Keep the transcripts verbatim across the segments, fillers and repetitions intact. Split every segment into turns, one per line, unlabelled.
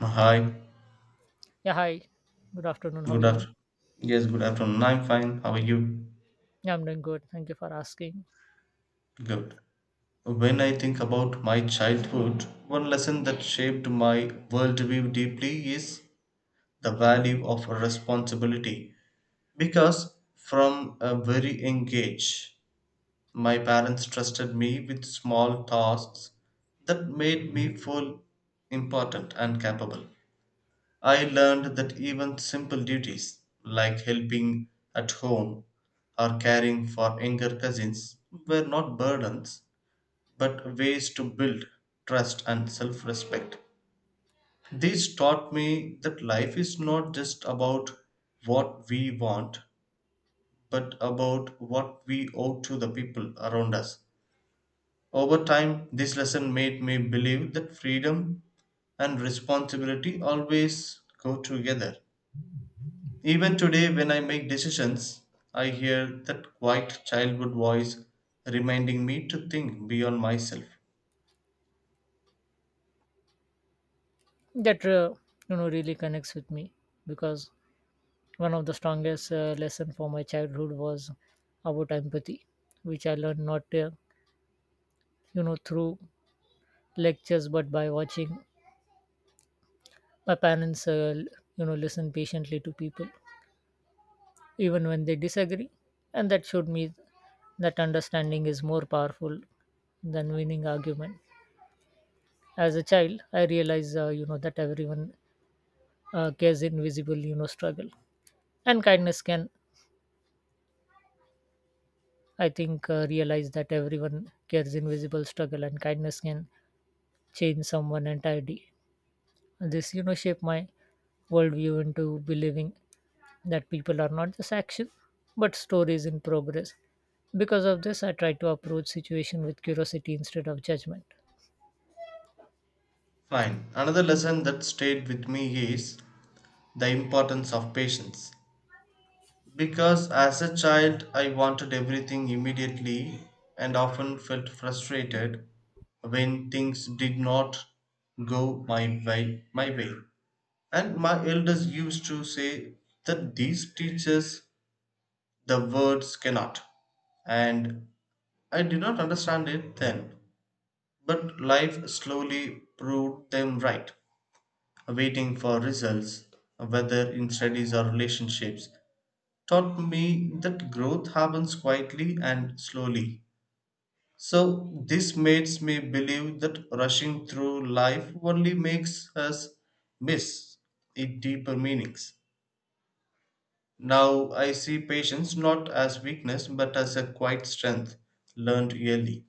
Hi,
Yeah, hi. Good afternoon. How are
good
you?
afternoon. Yes, good afternoon. I'm fine. How are you?
Yeah, I'm doing good. Thank you for asking.
Good. When I think about my childhood, one lesson that shaped my worldview deeply is the value of responsibility. Because from a very young age, my parents trusted me with small tasks that made me feel important and capable. I learned that even simple duties like helping at home or caring for younger cousins were not burdens but ways to build trust and self respect. These taught me that life is not just about what we want but about what we owe to the people around us. Over time, this lesson made me believe that freedom and responsibility always go together. Even today, when I make decisions, I hear that quiet childhood voice reminding me to think beyond myself.
That uh, you know really connects with me because one of the strongest uh, lesson for my childhood was about empathy, which I learned not uh, you know through lectures but by watching my parents uh, l- you know listen patiently to people even when they disagree, and that showed me that understanding is more powerful than winning argument. As a child, I realized uh, you know that everyone uh, cares invisible you know struggle and kindness can I think uh, realize that everyone cares invisible struggle and kindness can change someone entirely. This you know shape my worldview into believing that people are not just action but stories in progress. Because of this, I try to approach situation with curiosity instead of judgment.
Fine. Another lesson that stayed with me is the importance of patience. Because as a child, I wanted everything immediately and often felt frustrated when things did not go my way. My way. And my elders used to say that these teachers, the words cannot. And I did not understand it then, but life slowly proved them right. Waiting for results, whether in studies or relationships, taught me that growth happens quietly and slowly. So, this makes me believe that rushing through life only makes us miss its deeper meanings. Now I see patience not as weakness but as a quiet strength learned early.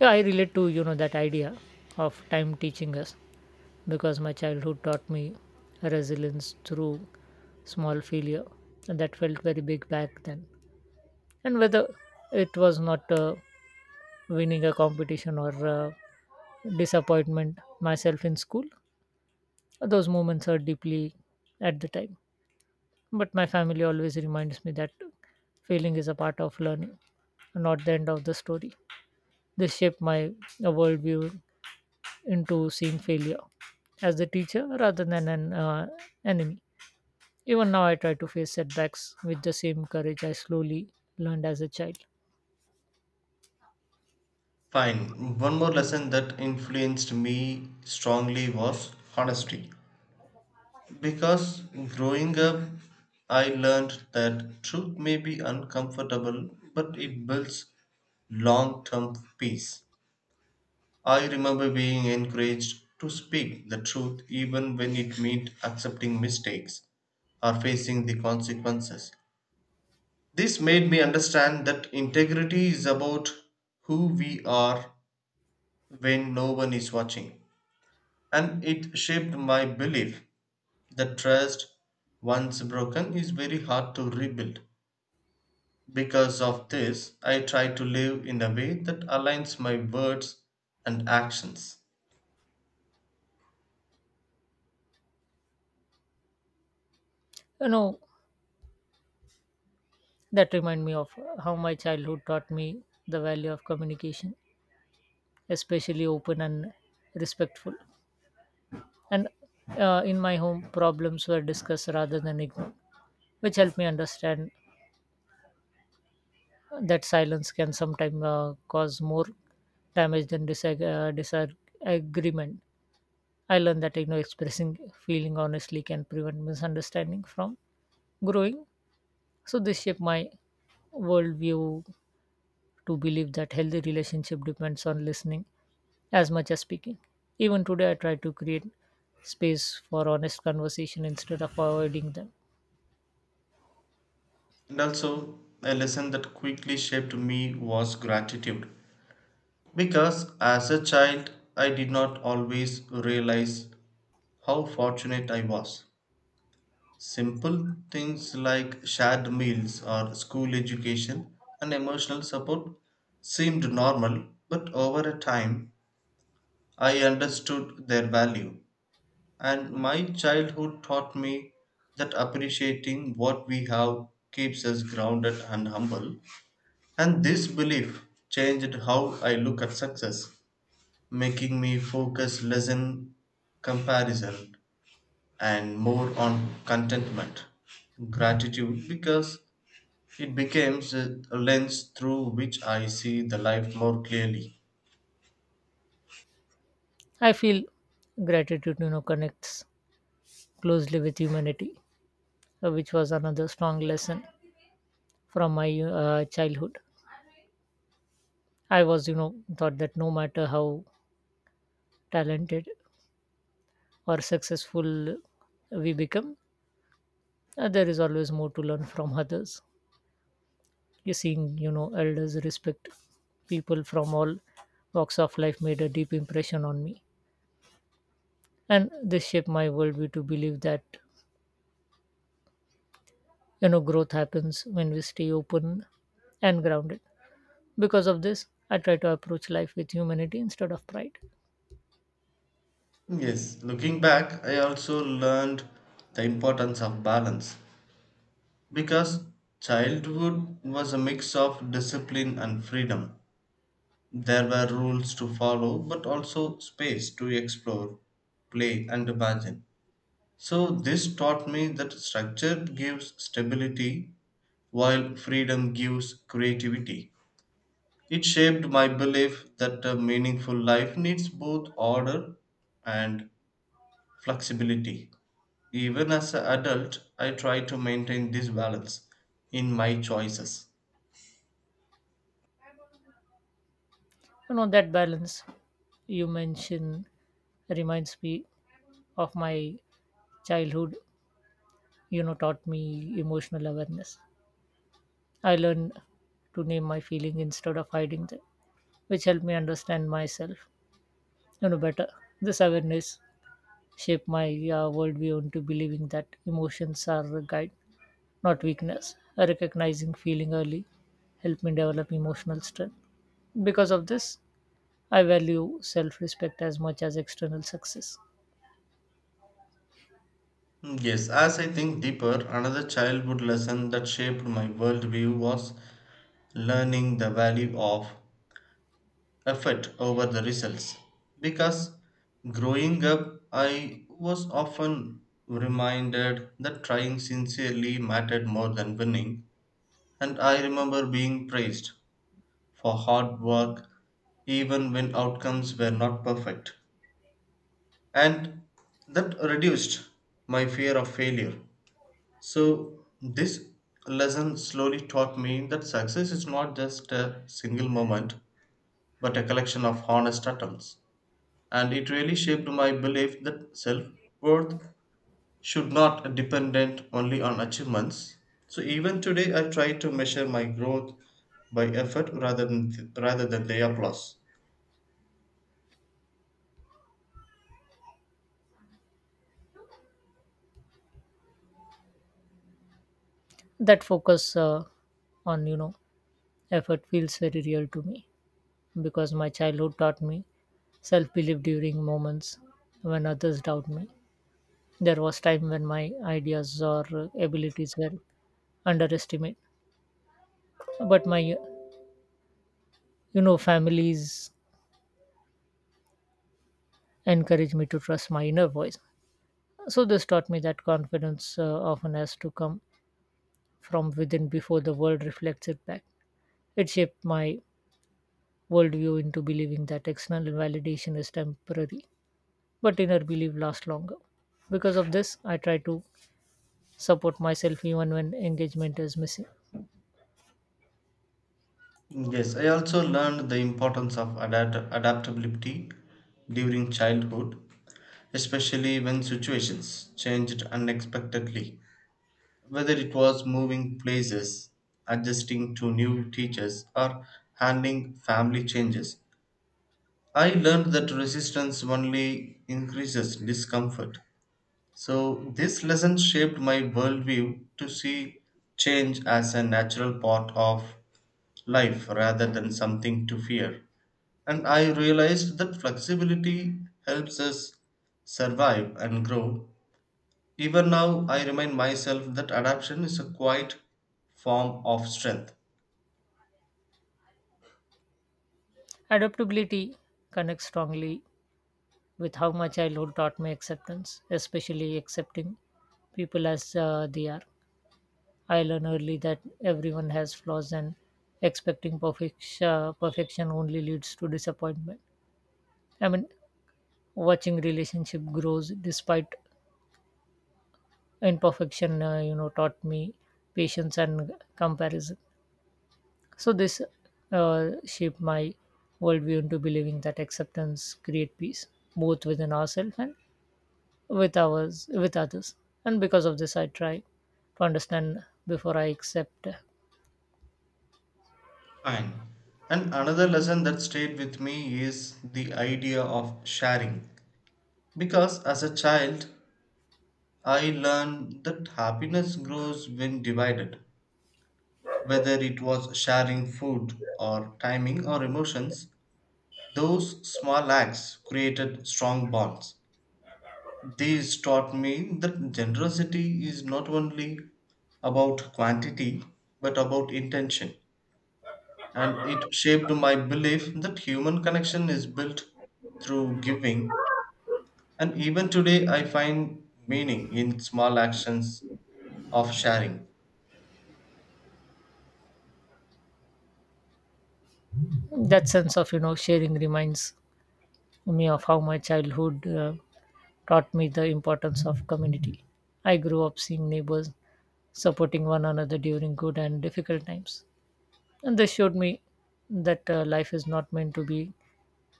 Yeah, I relate to you know that idea of time teaching us because my childhood taught me resilience through small failure, and that felt very big back then. And whether it was not uh, winning a competition or uh, disappointment myself in school, those moments are deeply at the time, but my family always reminds me that failing is a part of learning, not the end of the story. This shaped my uh, worldview into seeing failure as the teacher rather than an uh, enemy. Even now, I try to face setbacks with the same courage I slowly learned as a child.
Fine. One more lesson that influenced me strongly was honesty. Because growing up, I learned that truth may be uncomfortable but it builds long term peace. I remember being encouraged to speak the truth even when it meant accepting mistakes or facing the consequences. This made me understand that integrity is about who we are when no one is watching. And it shaped my belief that trust, once broken, is very hard to rebuild. Because of this, I try to live in a way that aligns my words and actions.
You know, that reminds me of how my childhood taught me the value of communication, especially open and respectful. And uh, in my home, problems were discussed rather than ignored, which helped me understand that silence can sometimes uh, cause more damage than disag- uh, disagreement. I learned that you know expressing feeling honestly can prevent misunderstanding from growing. So this shaped my worldview to believe that healthy relationship depends on listening as much as speaking. Even today, I try to create space for honest conversation instead of avoiding them.
And also, a lesson that quickly shaped me was gratitude. Because as a child, I did not always realize how fortunate I was. Simple things like shared meals or school education and emotional support seemed normal, but over a time I understood their value. And my childhood taught me that appreciating what we have keeps us grounded and humble. And this belief changed how I look at success, making me focus less on comparison and more on contentment, gratitude, because it becomes a a lens through which I see the life more clearly.
I feel gratitude, you know, connects closely with humanity, uh, which was another strong lesson from my uh, childhood. I was, you know, thought that no matter how talented or successful we become, uh, there is always more to learn from others. you seeing you know elders respect people from all walks of life made a deep impression on me, and this shaped my worldview to believe that you know growth happens when we stay open and grounded. Because of this, I try to approach life with humanity instead of pride.
Yes, looking back, I also learned the importance of balance because childhood was a mix of discipline and freedom. There were rules to follow, but also space to explore, play, and imagine. So, this taught me that structure gives stability while freedom gives creativity. It shaped my belief that a meaningful life needs both order and flexibility. Even as an adult, I try to maintain this balance in my choices.
You know, that balance you mention reminds me of my childhood. You know taught me emotional awareness. I learned to name my feeling instead of hiding them, which helped me understand myself, you know, better. This awareness shaped my uh, worldview into believing that emotions are a guide, not weakness. Recognizing feeling early helped me develop emotional strength. Because of this, I value self-respect as much as external success.
Yes, as I think deeper, another childhood lesson that shaped my worldview was learning the value of effort over the results. Because growing up, I was often reminded that trying sincerely mattered more than winning. And I remember being praised for hard work even when outcomes were not perfect. And that reduced my fear of failure. So, this lesson slowly taught me that success is not just a single moment, but a collection of honest attempts. And it really shaped my belief that self worth should not dependent only on achievements, so even today I try to measure my growth by effort rather than rather than the applause.
That focus uh, on, you know, effort feels very real to me because my childhood taught me self-belief during moments when others doubt me. There was time when my ideas or uh, abilities were underestimated, but my, you know, families encourage me to trust my inner voice. So this taught me that confidence uh, often has to come from within before the world reflects it back. It shaped my worldview into believing that external validation is temporary but inner belief lasts longer. Because of this, I try to support myself even when engagement is missing.
Yes, I also learned the importance of adapt- adaptability during childhood, especially when situations changed unexpectedly, whether it was moving places, adjusting to new teachers or handling family changes. I learned that resistance only increases discomfort. So, this lesson shaped my worldview to see change as a natural part of life rather than something to fear. And I realized that flexibility helps us survive and grow. Even now, I remind myself that adaptation is a quiet form of strength.
Adaptability connects strongly with how my childhood taught me acceptance, especially accepting people as uh, they are. I learned early that everyone has flaws, and expecting perfection perfection only leads to disappointment. I mean, watching relationship grows despite imperfection, uh, you know, taught me patience and comparison. So this uh, shaped my worldview into believing that acceptance create peace, both within ourselves and with ours with others. And because of this, I try to understand before I accept.
Fine. And another lesson that stayed with me is the idea of sharing. Because as a child, I learned that happiness grows when divided. Whether it was sharing food or timing or emotions, those small acts created strong bonds. These taught me that generosity is not only about quantity but about intention. And it shaped my belief that human connection is built through giving. And even today, I find meaning in small actions of sharing.
That sense of, you know, sharing reminds me of how my childhood uh, taught me the importance of community. I grew up seeing neighbors supporting one another during good and difficult times, and this showed me that uh, life is not meant to be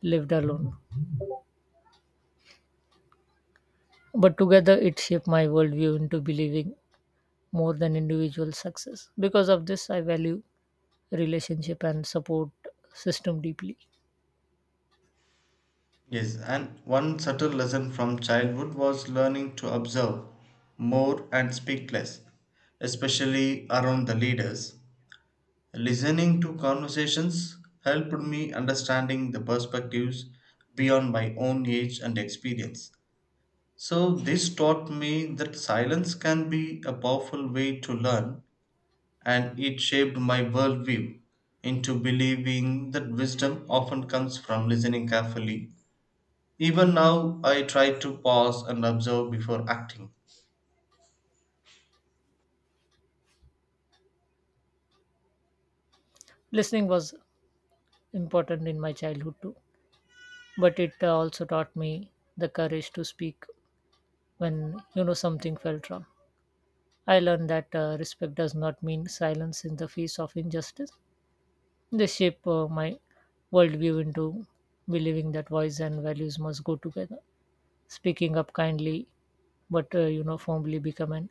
lived alone, but together. It shaped my worldview into believing more than individual success. Because of this, I value relationship and support system deeply.
Yes, and one subtle lesson from childhood was learning to observe more and speak less, especially around the leaders. Listening to conversations helped me understanding the perspectives beyond my own age and experience. So, this taught me that silence can be a powerful way to learn, and it shaped my worldview into believing that wisdom often comes from listening carefully. Even now, I try to pause and observe before acting.
Listening was important in my childhood too, but it uh, also taught me the courage to speak when you know something felt wrong. I learned that uh, respect does not mean silence in the face of injustice. They shape uh, my worldview into believing that voice and values must go together. Speaking up kindly but uh, you know, firmly become an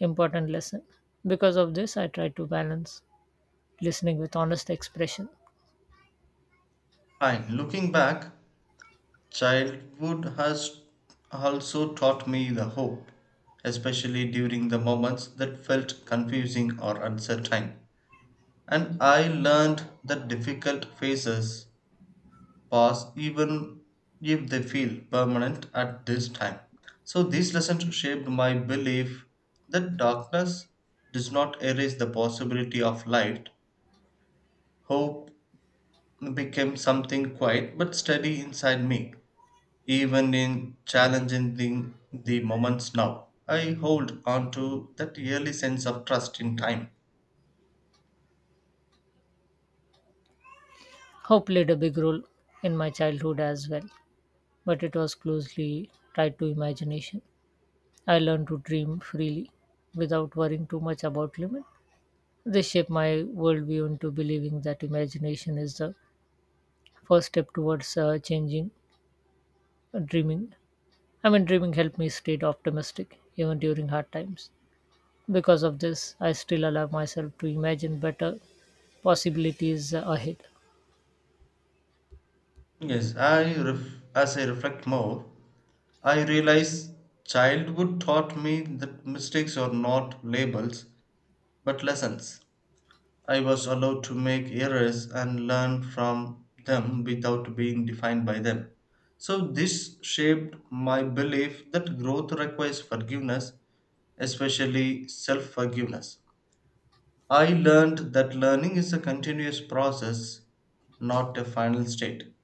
important lesson. Because of this, I try to balance listening with honest expression.
Fine. Looking back, childhood has also taught me the hope, especially during the moments that felt confusing or uncertain. And I learned that difficult phases pass even if they feel permanent at this time. So these lessons shaped my belief that darkness does not erase the possibility of light, hope became something quiet but steady inside me, even in challenging the, the moments now. I hold on to that early sense of trust in time.
Hope played a big role in my childhood as well, but it was closely tied to imagination. I learned to dream freely without worrying too much about limits. They shaped my worldview into believing that imagination is the first step towards uh, changing uh, dreaming. I mean, dreaming helped me stay optimistic even during hard times. Because of this, I still allow myself to imagine better possibilities uh, ahead.
Yes, I ref- as I reflect more, I realize childhood taught me that mistakes are not labels but lessons. I was allowed to make errors and learn from them without being defined by them. So, this shaped my belief that growth requires forgiveness, especially self forgiveness. I learned that learning is a continuous process, not a final state.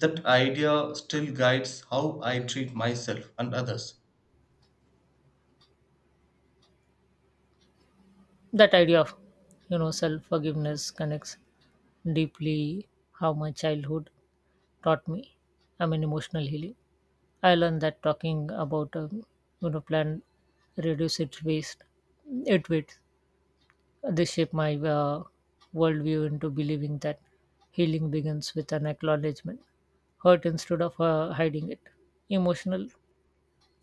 That idea still guides how I treat myself and others.
That idea of, you know, self-forgiveness connects deeply how my childhood taught me. I mean, emotional healing. I learned that talking about, um, you know, plan reduces its waste, it weight. This shaped my uh, worldview into believing that healing begins with an acknowledgement, hurt instead of uh, hiding it. Emotional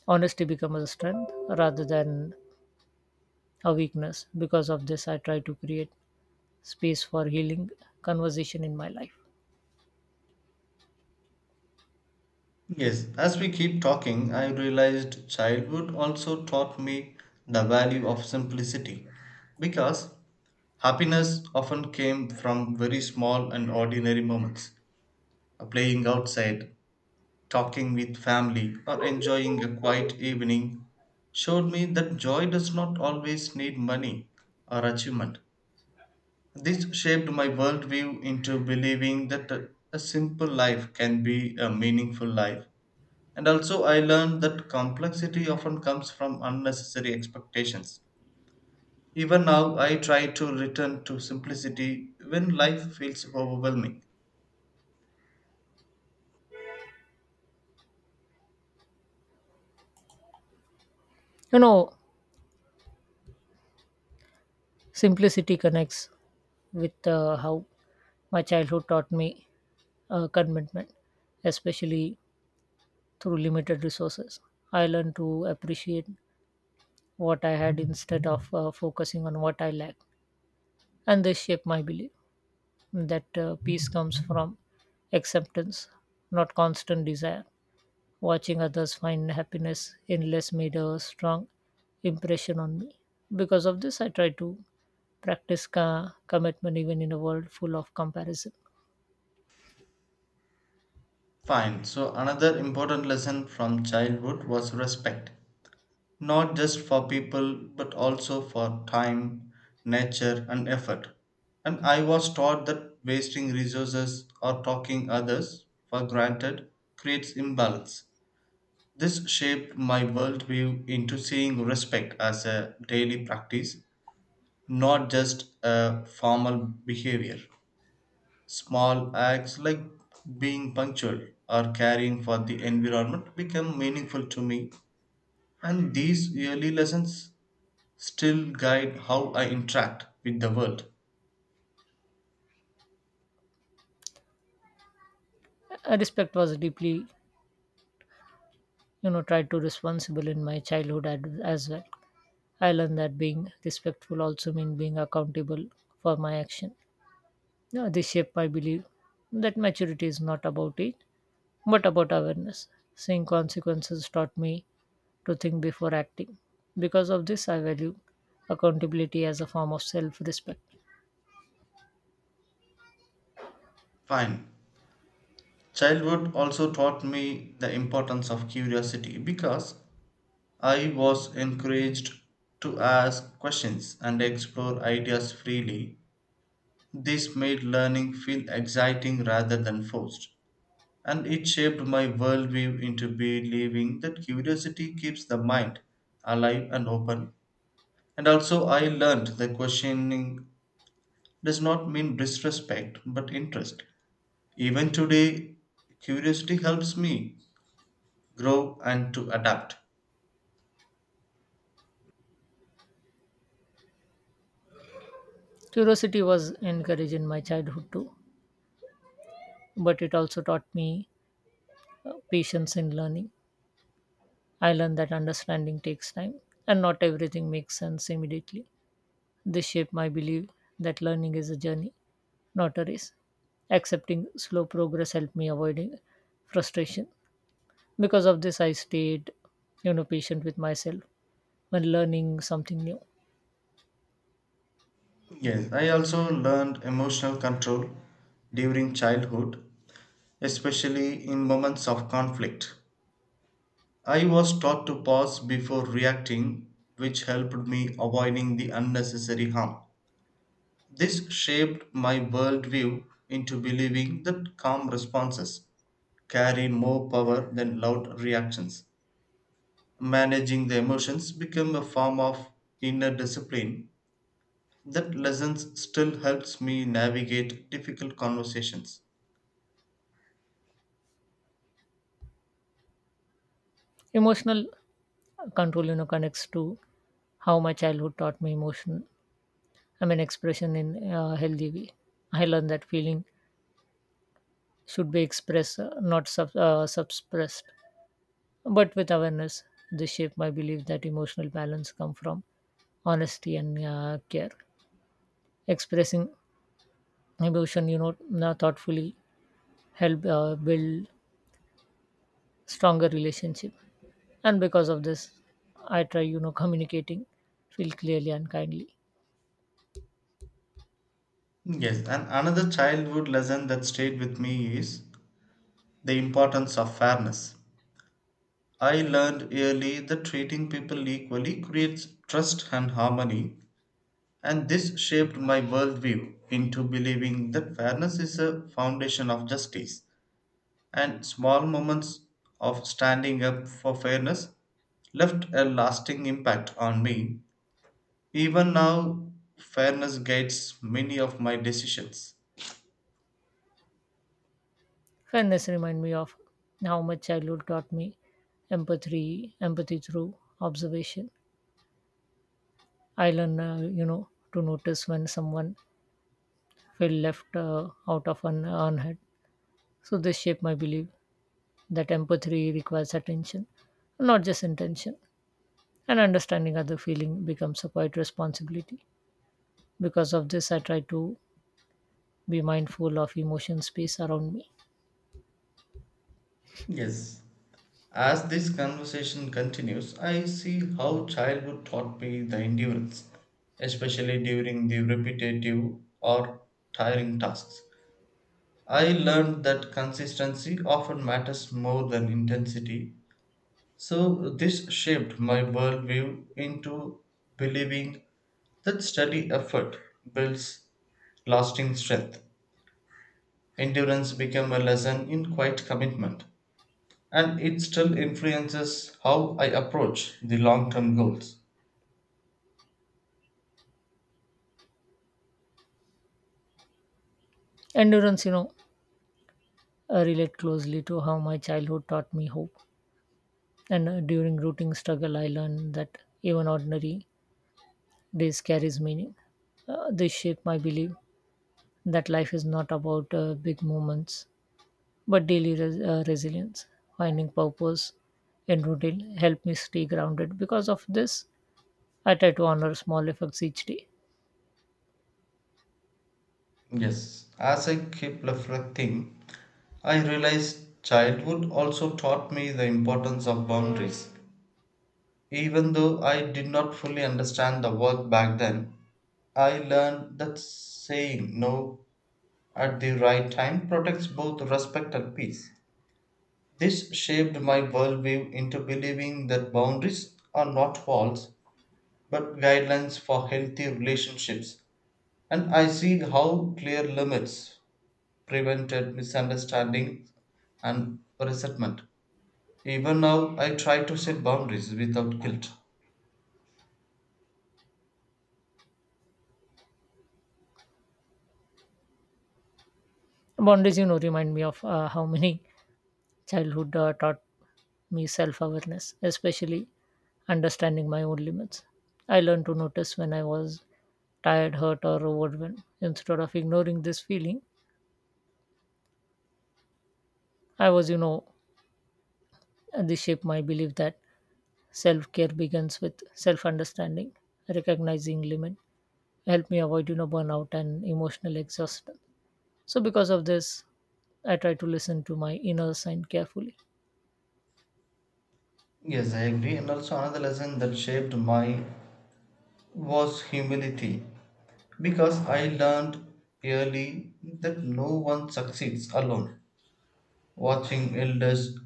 honesty becomes a strength rather than a weakness. Because of this, I try to create space for healing conversation in my life.
Yes, as we keep talking, I realized childhood also taught me the value of simplicity because happiness often came from very small and ordinary moments. Uh, playing outside, talking with family, or enjoying a quiet evening showed me that joy does not always need money or achievement. This shaped my worldview into believing that a a simple life can be a meaningful life, and also, I learned that complexity often comes from unnecessary expectations. Even now, I try to return to simplicity when life feels overwhelming.
You know, simplicity connects with uh, how my childhood taught me uh, commitment, especially through limited resources. I learned to appreciate what I had instead of uh, focusing on what I lack. And they shape my belief that uh, peace comes from acceptance, not constant desire. Watching others find happiness in less made a strong impression on me. Because of this, I try to practice ca- commitment even in a world full of comparison.
Fine, so another important lesson from childhood was respect. Not just for people, but also for time, nature, and effort. And I was taught that wasting resources or talking others for granted creates imbalance. This shaped my worldview into seeing respect as a daily practice, not just a formal behavior. Small acts like being punctual or caring for the environment become meaningful to me, and these early lessons still guide how I interact with the world.
Uh, Respect was deeply, you know, tried to responsible in my childhood ad- as well. I learned that being respectful also means being accountable for my action. Yeah, they shape, I believe, that maturity is not about it, but about awareness. Seeing consequences taught me to think before acting. Because of this, I value accountability as a form of self respect.
Fine. Childhood also taught me the importance of curiosity because I was encouraged to ask questions and explore ideas freely. This made learning feel exciting rather than forced, and it shaped my worldview into believing that curiosity keeps the mind alive and open. And also, I learned that questioning does not mean disrespect but interest. Even today, curiosity helps me grow and to adapt.
Curiosity was encouraged in my childhood too, but it also taught me uh, patience in learning. I learned that understanding takes time and not everything makes sense immediately. This shaped my belief that learning is a journey notaries. Accepting slow progress helped me avoiding frustration. Because of this, I stayed, you know, patient with myself when learning something new.
Yes, I also learned emotional control during childhood, especially in moments of conflict. I was taught to pause before reacting, which helped me avoiding the unnecessary harm. This shaped my worldview into believing that calm responses carry more power than loud reactions. Managing the emotions became a form of inner discipline that lessons still helps me navigate difficult conversations.
Emotional control, you know, connects to how my childhood taught me emotion. I mean, expression in a healthy way. I learned that feeling should be expressed, uh, not sub, uh, suppressed, but with awareness. This shaped my belief that emotional balance come from honesty and uh, care. Expressing emotion, you know, now thoughtfully help uh, build stronger relationship. And because of this, I try, you know, communicating feel clearly and kindly.
Yes, and another childhood lesson that stayed with me is the importance of fairness. I learned early that treating people equally creates trust and harmony, and this shaped my worldview into believing that fairness is a foundation of justice. And small moments of standing up for fairness left a lasting impact on me. Even now, fairness guides many of my decisions.
Fairness remind me of how much childhood taught me empathy empathy through observation. I learn uh, you know, to notice when someone feel left uh, out of an unheard. So this shaped my belief that empathy requires attention, not just intention, and understanding other feeling becomes a quiet responsibility. Because of this, I try to be mindful of emotion space around me.
Yes. As this conversation continues, I see how childhood taught me the endurance, especially during the repetitive or tiring tasks. I learned that consistency often matters more than intensity, so this shaped my worldview into believing that steady effort builds lasting strength. Endurance became a lesson in quiet commitment and it still influences how I approach the long term goals.
Endurance, you know, uh, relate closely to how my childhood taught me hope. And uh, during rooting struggle, I learned that even ordinary days carries meaning. Uh, they shape my belief that life is not about uh, big moments but daily res- uh, resilience. Finding purpose in routine help me stay grounded. Because of this, I try to honor small effects each day.
Yes, as I keep reflecting, I realize childhood also taught me the importance of boundaries. Even though I did not fully understand the work back then, I learned that saying no at the right time protects both respect and peace. This shaped my worldview into believing that boundaries are not walls but guidelines for healthy relationships, and I see how clear limits prevented misunderstandings and resentment. Even now, I try to set boundaries without guilt.
Boundaries, you know, remind me of uh, how many childhood uh, taught me self awareness, especially understanding my own limits. I learned to notice when I was tired, hurt, or overwhelmed instead of ignoring this feeling. I was, you know, this shaped my belief that self care begins with self understanding. Recognizing limit help me avoid, you know, burnout and emotional exhaustion. So, because of this, I try to listen to my inner sign carefully.
Yes, I agree. And also, another lesson that shaped my was humility because I learned early that no one succeeds alone. Watching elders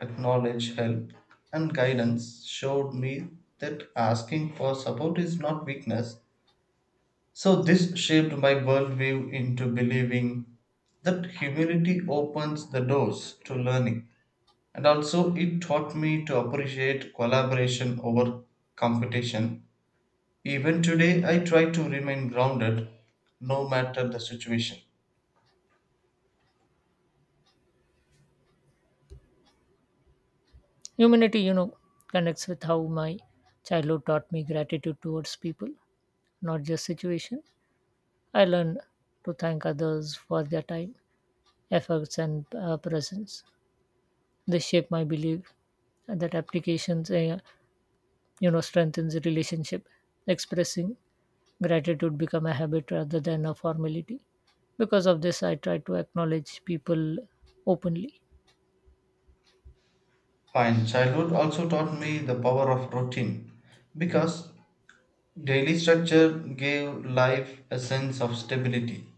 acknowledge help and guidance showed me that asking for support is not weakness. So, this shaped my worldview into believing that humility opens the doors to learning. And also, it taught me to appreciate collaboration over competition. Even today, I try to remain grounded no matter the situation.
Humanity, you know, connects with how my childhood taught me gratitude towards people, not just situation. I learned to thank others for their time, efforts, and uh, presence. They shape my belief that applications, uh, you know, strengthens the relationship. Expressing gratitude become a habit rather than a formality. Because of this, I try to acknowledge people openly.
Fine, childhood also taught me the power of routine because daily structure gave life a sense of stability.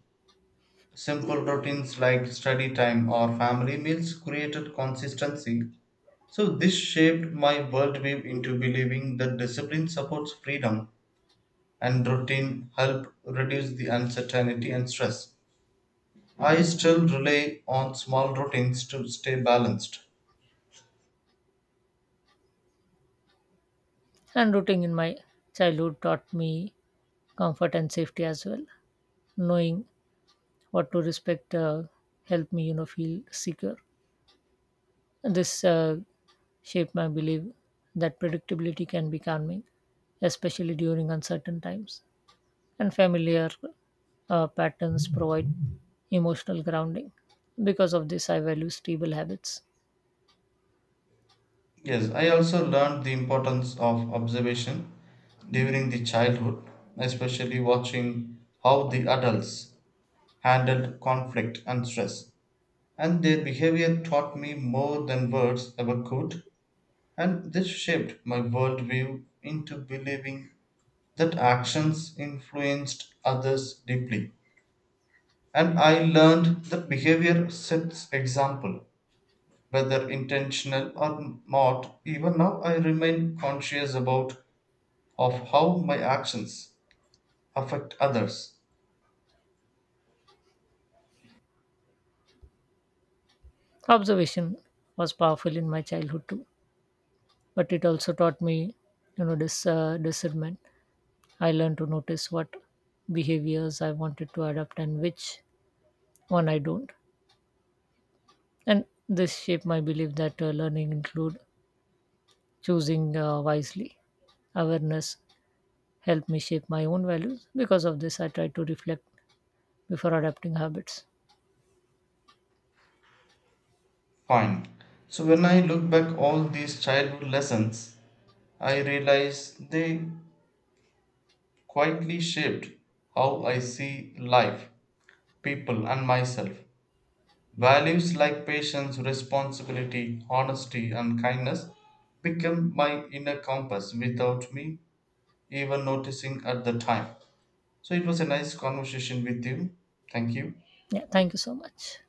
Simple routines like study time or family meals created consistency. So, this shaped my worldview into believing that discipline supports freedom and routine help reduce the uncertainty and stress. I still rely on small routines to stay balanced.
And rooting in my childhood taught me comfort and safety as well. Knowing what to respect uh, helped me, you know, feel secure. This uh, shaped my belief that predictability can be calming, especially during uncertain times, and familiar uh, patterns provide emotional grounding. Because of this, I value stable habits.
Yes, I also learned the importance of observation during the childhood, especially watching how the adults handled conflict and stress, and their behavior taught me more than words ever could, and this shaped my worldview into believing that actions influenced others deeply. And I learned that behavior sets example, whether intentional or not. Even now, I remain conscious about of how my actions affect others.
Observation was powerful in my childhood too, but it also taught me, you know, this uh, discernment. I learned to notice what behaviors I wanted to adopt and which one I don't, and this shaped my belief that uh, learning include choosing uh, wisely. Awareness helped me shape my own values. Because of this, I try to reflect before adapting habits.
Fine. So when I look back all these childhood lessons, I realize they quietly shaped how I see life, people, and myself. Values like patience, responsibility, honesty, and kindness became my inner compass without me even noticing at the time. So it was a nice conversation with you. Thank you.
Yeah, thank you so much.